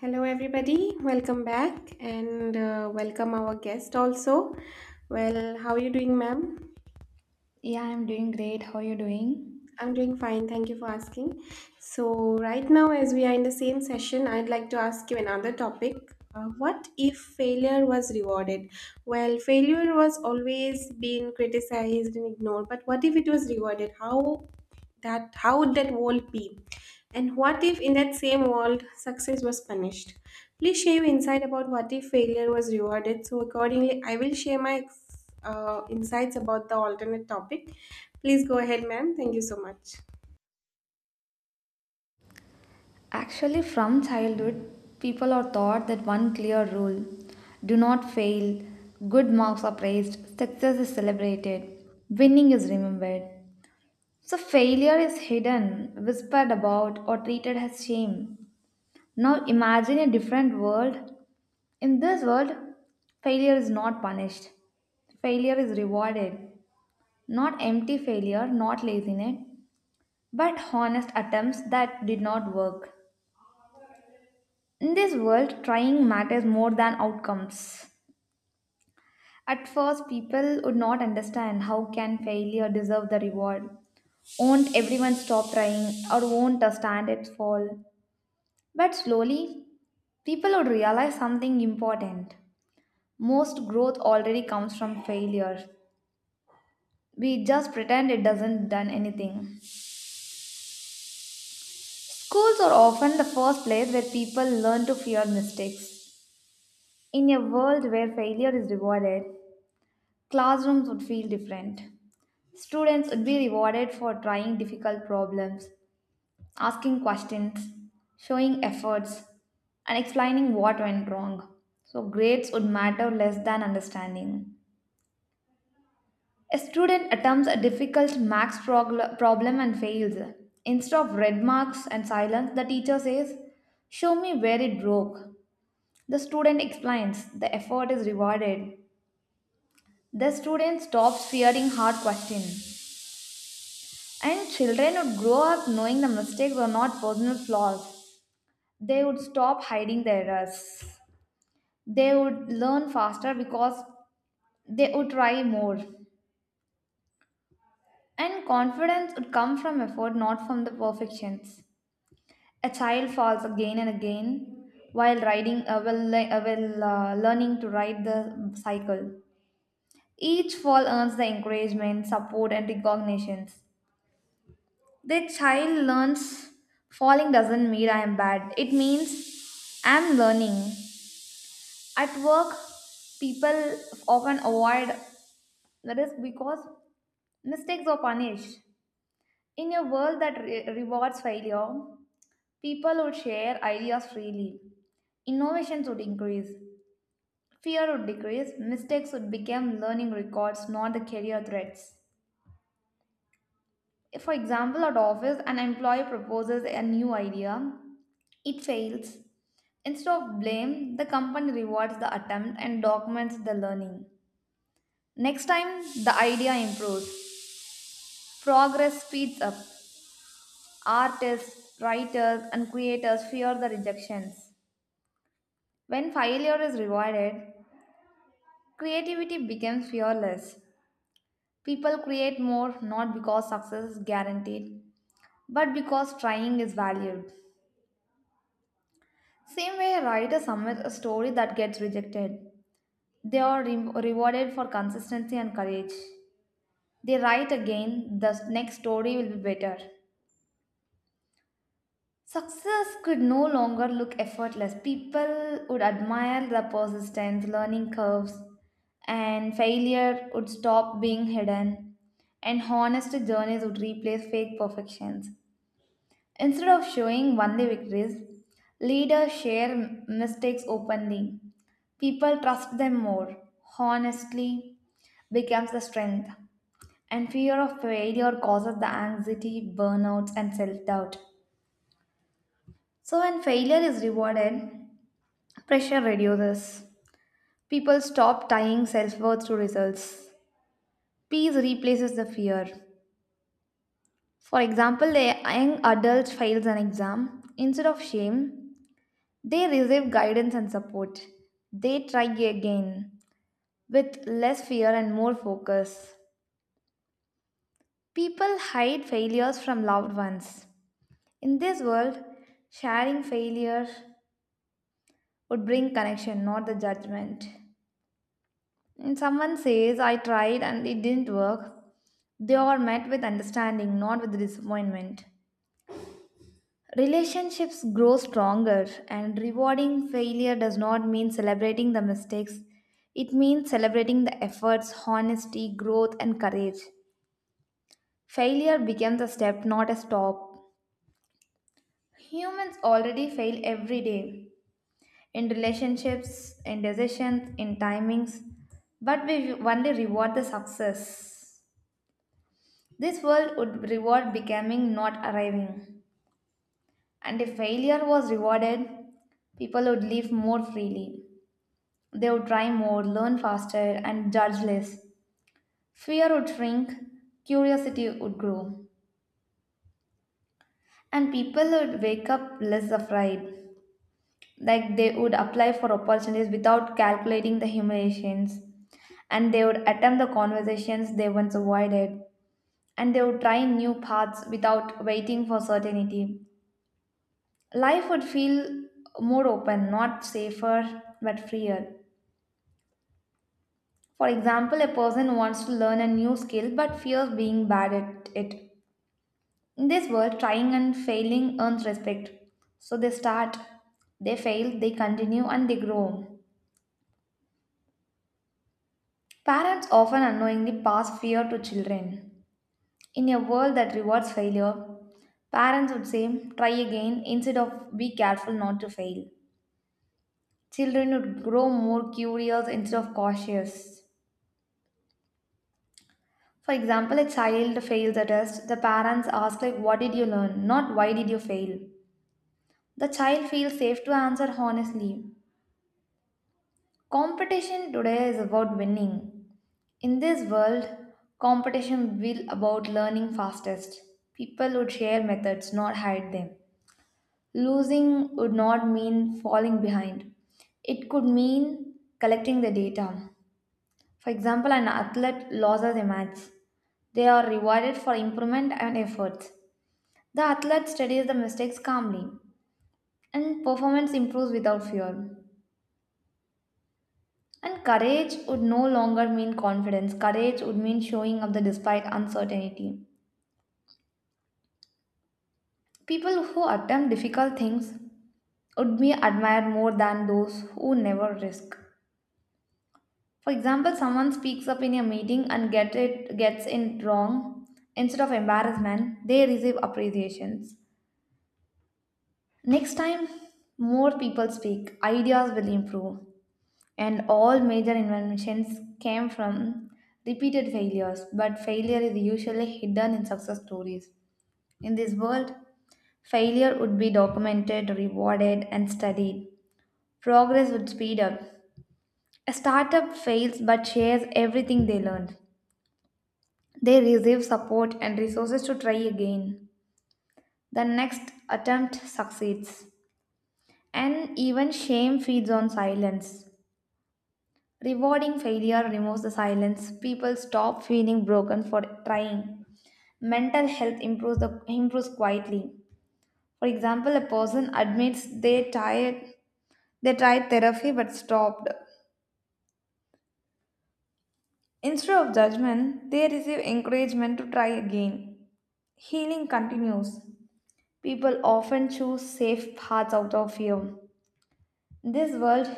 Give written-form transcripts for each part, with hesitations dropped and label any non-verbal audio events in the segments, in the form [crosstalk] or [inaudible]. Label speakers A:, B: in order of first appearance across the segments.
A: Hello, everybody. Welcome back and welcome our guest also. Well, how are you doing, ma'am?
B: Yeah, I'm doing great. How are you doing?
A: I'm doing fine. Thank you for asking. So, right now, as we are in the same session, I'd like to ask you another topic. What if failure was rewarded? Well, failure was always being criticized and ignored, but what if it was rewarded? How would that world be? And what if in that same world success was punished? Please share your insight about what if failure was rewarded. So accordingly, I will share my insights about the alternate topic. Please go ahead, ma'am. Thank you so much.
B: Actually, from childhood, people are taught that one clear rule: do not fail, good marks are praised, success is celebrated, winning is remembered. So, failure is hidden, whispered about, or treated as shame. Now, imagine a different world. In this world, failure is not punished, failure is rewarded. Not empty failure, not laziness, but honest attempts that did not work. In this world, trying matters more than outcomes. At first, people would not understand how can failure deserve the reward. Won't everyone stop trying or won't a stand fall? But slowly, people would realize something important. Most growth already comes from failure. We just pretend it doesn't done anything. Schools are often the first place where people learn to fear mistakes. In a world where failure is rewarded, classrooms would feel different. Students would be rewarded for trying difficult problems, asking questions, showing efforts, and explaining what went wrong. So, grades would matter less than understanding. A student attempts a difficult problem and fails. Instead of red marks and silence, the teacher says, show me where it broke. The student explains, the effort is rewarded. The student stops fearing hard questions. And children would grow up knowing the mistakes were not personal flaws. They would stop hiding their errors. They would learn faster because they would try more. And confidence would come from effort, not from the perfections. A child falls again and again while learning to ride the cycle. Each fall earns the encouragement, support, and recognitions. The child learns falling doesn't mean I am bad. It means I'm learning. At work, people often avoid the risk because mistakes are punished. In a world that rewards failure, people would share ideas freely. Innovations would increase. Fear would decrease. Mistakes would become learning records, not the career threats. If, for example, at office, an employee proposes a new idea, it fails. Instead of blame, the company rewards the attempt and documents the learning. Next time, the idea improves. Progress speeds up. Artists, writers, and creators fear the rejections. When failure is rewarded, creativity becomes fearless. People create more not because success is guaranteed, but because trying is valued. Same way, a writer submits a story that gets rejected. They are rewarded for consistency and courage. They write again, the next story will be better. Success could no longer look effortless. People would admire the persistence, learning curves, and failure would stop being hidden, and honest journeys would replace fake perfections. Instead of showing only victories, leaders share mistakes openly. People trust them more. Honestly becomes the strength. And fear of failure causes the anxiety, burnouts, and self doubt. So, when failure is rewarded, pressure reduces. People stop tying self worth to results. Peace replaces the fear. For example, a young adult fails an exam. Instead of shame, they receive guidance and support. They try again with less fear and more focus. People hide failures from loved ones. In this world, sharing failure would bring connection, not the judgment. When someone says, I tried and it didn't work, they are met with understanding, not with disappointment. Relationships grow stronger, and rewarding failure does not mean celebrating the mistakes. It means celebrating the efforts, honesty, growth, and courage. Failure becomes a step, not a stop. Humans already fail every day in relationships, in decisions, in timings, but we only reward the success. This world would reward becoming, not arriving. And if failure was rewarded, people would live more freely. They would try more, learn faster, and judge less. Fear would shrink, curiosity would grow, and people would wake up less afraid. Like they would apply for opportunities without calculating the humiliations, and they would attempt the conversations they once avoided, and they would try new paths without waiting for certainty. Life would feel more open, not safer, but freer. For example, a person wants to learn a new skill but fears being bad at it. In this world, trying and failing earns respect. So they start, they fail, they continue, and they grow. Parents often unknowingly pass fear to children. In a world that rewards failure, parents would say, try again instead of be careful not to fail. Children would grow more curious instead of cautious. For example, a child fails a test, the parents ask like what did you learn, not why did you fail. The child feels safe to answer honestly. Competition today is about winning. In this world, competition will about learning fastest. People would share methods, not hide them. Losing would not mean falling behind. It could mean collecting the data. For example, an athlete loses a match. They are rewarded for improvement and efforts. The athlete studies the mistakes calmly, and performance improves without fear. And courage would no longer mean confidence. Courage would mean showing up the despite uncertainty. People who attempt difficult things would be admired more than those who never risk. For example, someone speaks up in a meeting and gets it wrong. Instead of embarrassment, they receive appreciations. Next time, more people speak, ideas will improve, and all major inventions came from repeated failures, but failure is usually hidden in success stories. In this world, failure would be documented, rewarded, and studied. Progress would speed up. A startup fails but shares everything they learned. They receive support and resources to try again. The next attempt succeeds. And even shame feeds on silence. Rewarding failure removes the silence. People stop feeling broken for trying. Mental health improves quietly. For example, a person admits they tried therapy but stopped. Instead of judgment, they receive encouragement to try again. Healing continues. People often choose safe paths out of fear. In this world,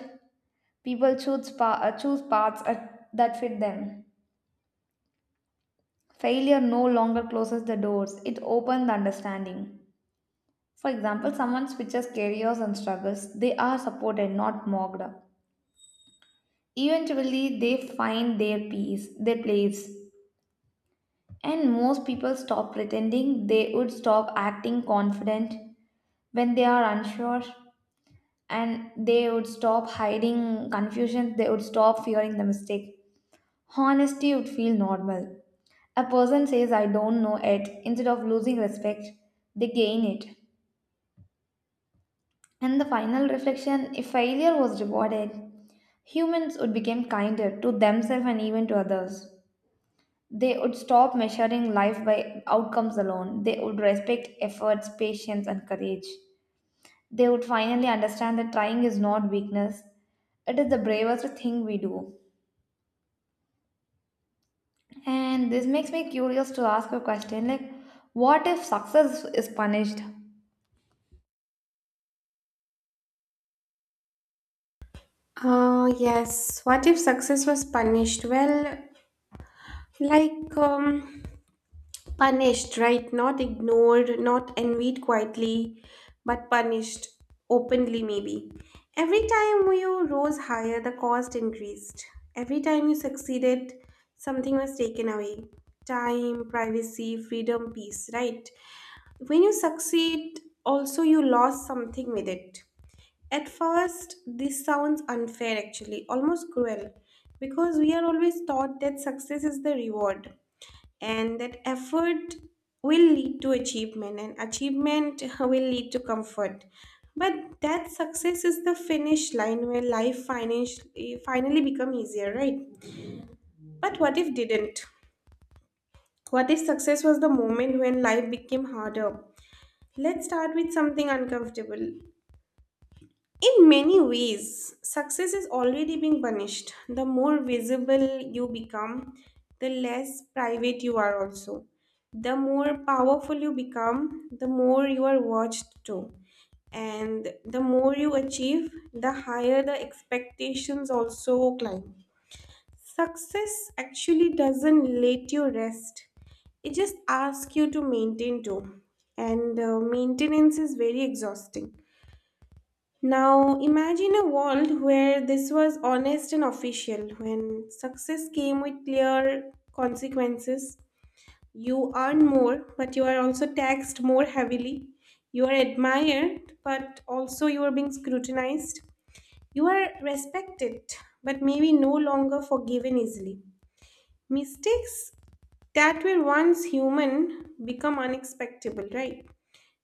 B: choose paths that fit them. Failure no longer closes the doors, it opens the understanding. For example, someone switches careers and struggles, they are supported, not mocked. Eventually, they find their peace, their place. And most people stop pretending, they would stop acting confident when they are unsure, and they would stop hiding confusion, they would stop fearing the mistake. Honesty would feel normal. A person says, I don't know it, instead of losing respect, they gain it. And the final reflection: if failure was rewarded, humans would become kinder to themselves and even to others. They would stop measuring life by outcomes alone. They would respect efforts, patience, and courage. They would finally understand that trying is not weakness, it is the bravest thing we do. And this makes me curious to ask a question like, what if success is punished?
A: Yes. What if success was punished? Well, like um, punished, right? Not ignored, not envied quietly, but punished openly, maybe. Every time you rose higher, the cost increased. Every time you succeeded, something was taken away time, privacy, freedom, peace, right? When you succeed, also you lost something with it. At first, this sounds unfair actually, almost cruel, because we are always taught that success is the reward and that effort will lead to achievement and achievement [laughs] will lead to comfort. But that success is the finish line where life financially finally become easier, right? But what if didn't? What if success was the moment when life became harder? Let's start with something uncomfortable. In many ways, success is already being punished. The more visible you become, the less private you are also. The more powerful you become, the more you are watched too. And the more you achieve, the higher the expectations also climb. Success actually doesn't let you rest. It just asks you to maintain too. And maintenance is very exhausting. Now, imagine a world where this was honest and official, when success came with clear consequences. You earn more, but you are also taxed more heavily. You are admired, but also you are being scrutinized. You are respected, but maybe no longer forgiven easily. Mistakes that were once human become unexpectable, right?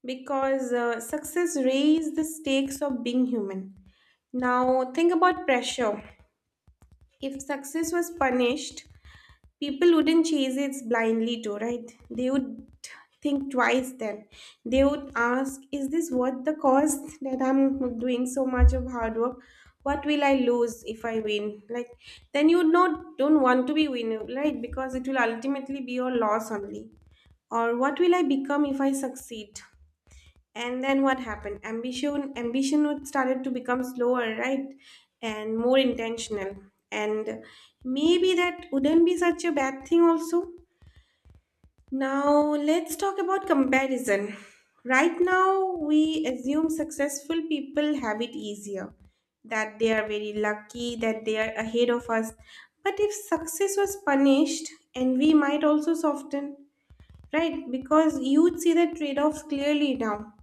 A: Because success raised the stakes of being human. Now, think about pressure. If success was punished, people wouldn't chase it blindly, too, right? They would think twice then. They would ask, is this worth the cost that I'm doing so much of hard work? What will I lose if I win? Like, then you not don't want to be winner, right? Because it will ultimately be your loss only. Or what will I become if I succeed? And then what happened, ambition would started to become slower, right? And more intentional, and maybe that wouldn't be such a bad thing also. Now let's talk about comparison. Right now we assume successful people have it easier, that they are very lucky, that they are ahead of us. But if success was punished, envy might also soften, right? Because you'd see the trade-offs clearly now.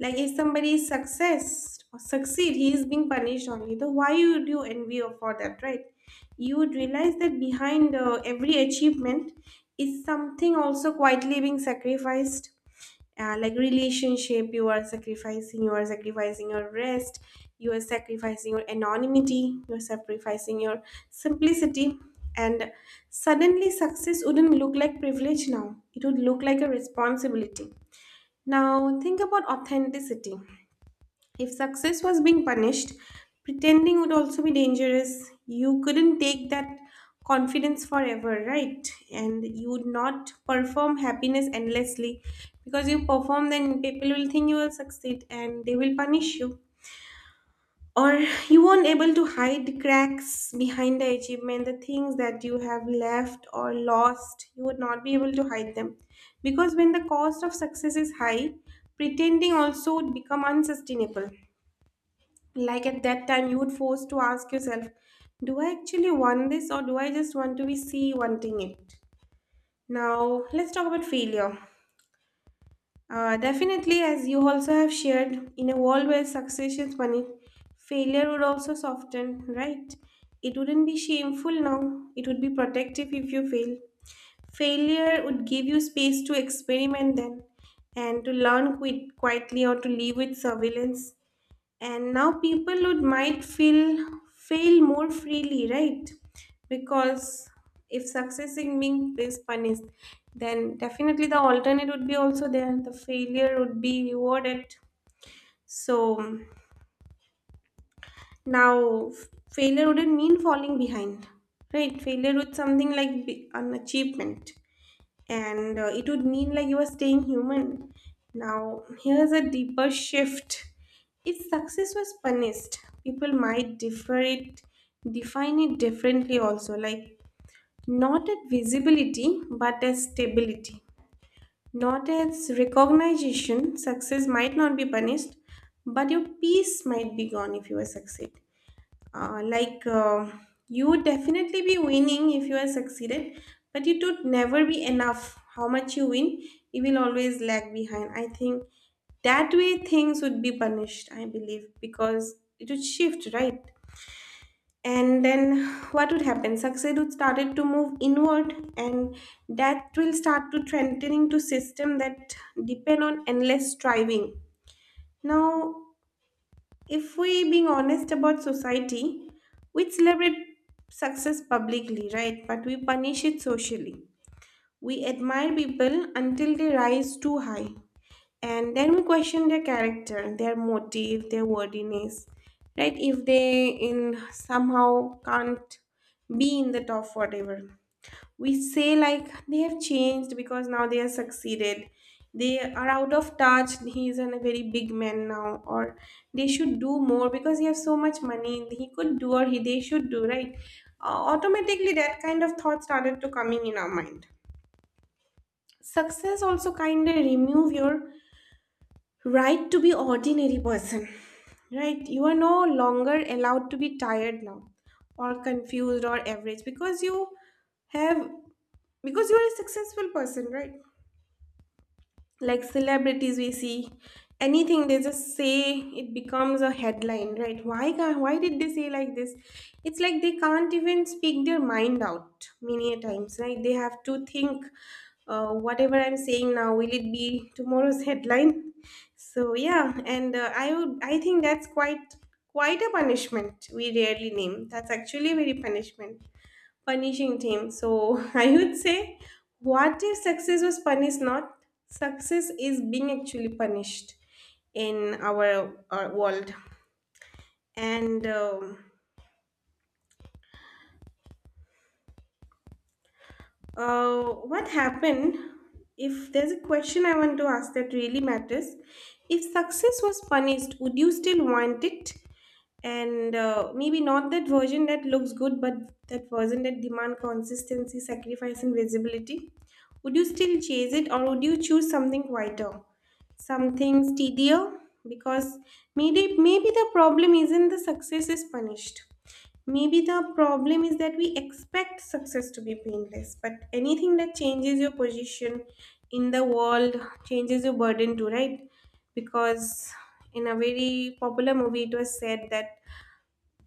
A: Like if somebody is success or succeed, he is being punished only. Though why would you envy her for that, right? You would realize that behind every achievement is something also quietly being sacrificed, like relationship you are sacrificing, you are sacrificing your rest, you are sacrificing your anonymity, you are sacrificing your simplicity. And suddenly success wouldn't look like privilege, now it would look like a responsibility. Now think about authenticity. If success was being punished, pretending would also be dangerous. You couldn't take that confidence forever, right? And you would not perform happiness endlessly because you perform, then people will think you will succeed and they will punish you. Or [laughs] you won't able to hide cracks behind the achievement, the things that you have left or lost. You would not be able to hide them because when the cost of success is high, pretending also would become unsustainable. Like at that time, you would force to ask yourself, do I actually want this or do I just want to be see wanting it? Now, let's talk about failure. Definitely, as you also have shared, in a world where success is money, failure would also soften, right? It wouldn't be shameful now, it would be protective if you fail. Failure would give you space to experiment then and to learn quit quietly or to live with surveillance. And now people would might feel fail more freely, right? Because if success in being is punished, then definitely the alternate would be also there, the failure would be rewarded. So now failure wouldn't mean falling behind. Right, failure would something like be an achievement. And it would mean like you are staying human. Now, here's a deeper shift. If success was punished, people might differ it, define it differently also, like not at visibility but as stability. Not as recognition, success might not be punished, but your peace might be gone if you are succeed. uh, like uh, you would definitely be winning if you are succeeded, but it would never be enough how much you win. You will always lag behind, I think. That way things would be punished, I believe, because it would shift, right? And then what would happen, success would started to move inward, and that will start to trending to system that depend on endless striving. Now, if we being honest about society, we celebrate success publicly, right? But we punish it socially. We admire people until they rise too high. And then we question their character, their motive, their worthiness. Right? If they in somehow can't be in the top whatever, we say like they have changed because now they are succeeded, they are out of touch, he is a very big man now. Or they should do more because he has so much money, he could do, or he they should do, right? Automatically that kind of thought started to coming in our mind. Success also kind of remove your right to be ordinary person. Right, you are no longer allowed to be tired now or confused or average because you have, because you're a successful person, right? Like celebrities we see, anything they just say, it becomes a headline, right? why can't, Why did they say like this? It's like they can't even speak their mind out many a times, right? They have to think, whatever I'm saying now, will it be tomorrow's headline? So yeah, and I think that's quite a punishment we rarely name. That's actually very punishment punishing him. So [laughs] I would say, what if success was punished? Not success is being actually punished in our world. And uh, what happened? If there's a question I want to ask that really matters, if success was punished, would you still want it? And maybe not that version that looks good, but that version that demand consistency sacrifice and visibility. Would you still chase it or would you choose something quieter, something steadier? Because maybe the problem isn't the success is punished. Maybe the problem is that we expect success to be painless, but anything that changes your position in the world changes your burden too, right? Because in a very popular movie it was said that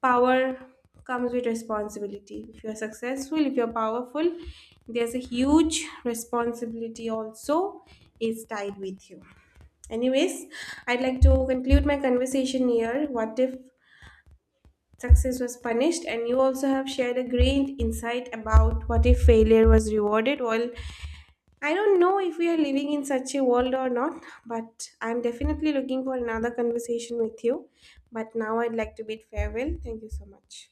A: power comes with responsibility. If you're successful, if you're powerful, there's a huge responsibility also is tied with you. Anyways, I'd like to conclude my conversation here. What if success was punished, and you also have shared a great insight about what if failure was rewarded. Well, I don't know if we are living in such a world or not, but I'm definitely looking for another conversation with you. But now I'd like to bid farewell. Thank you so much.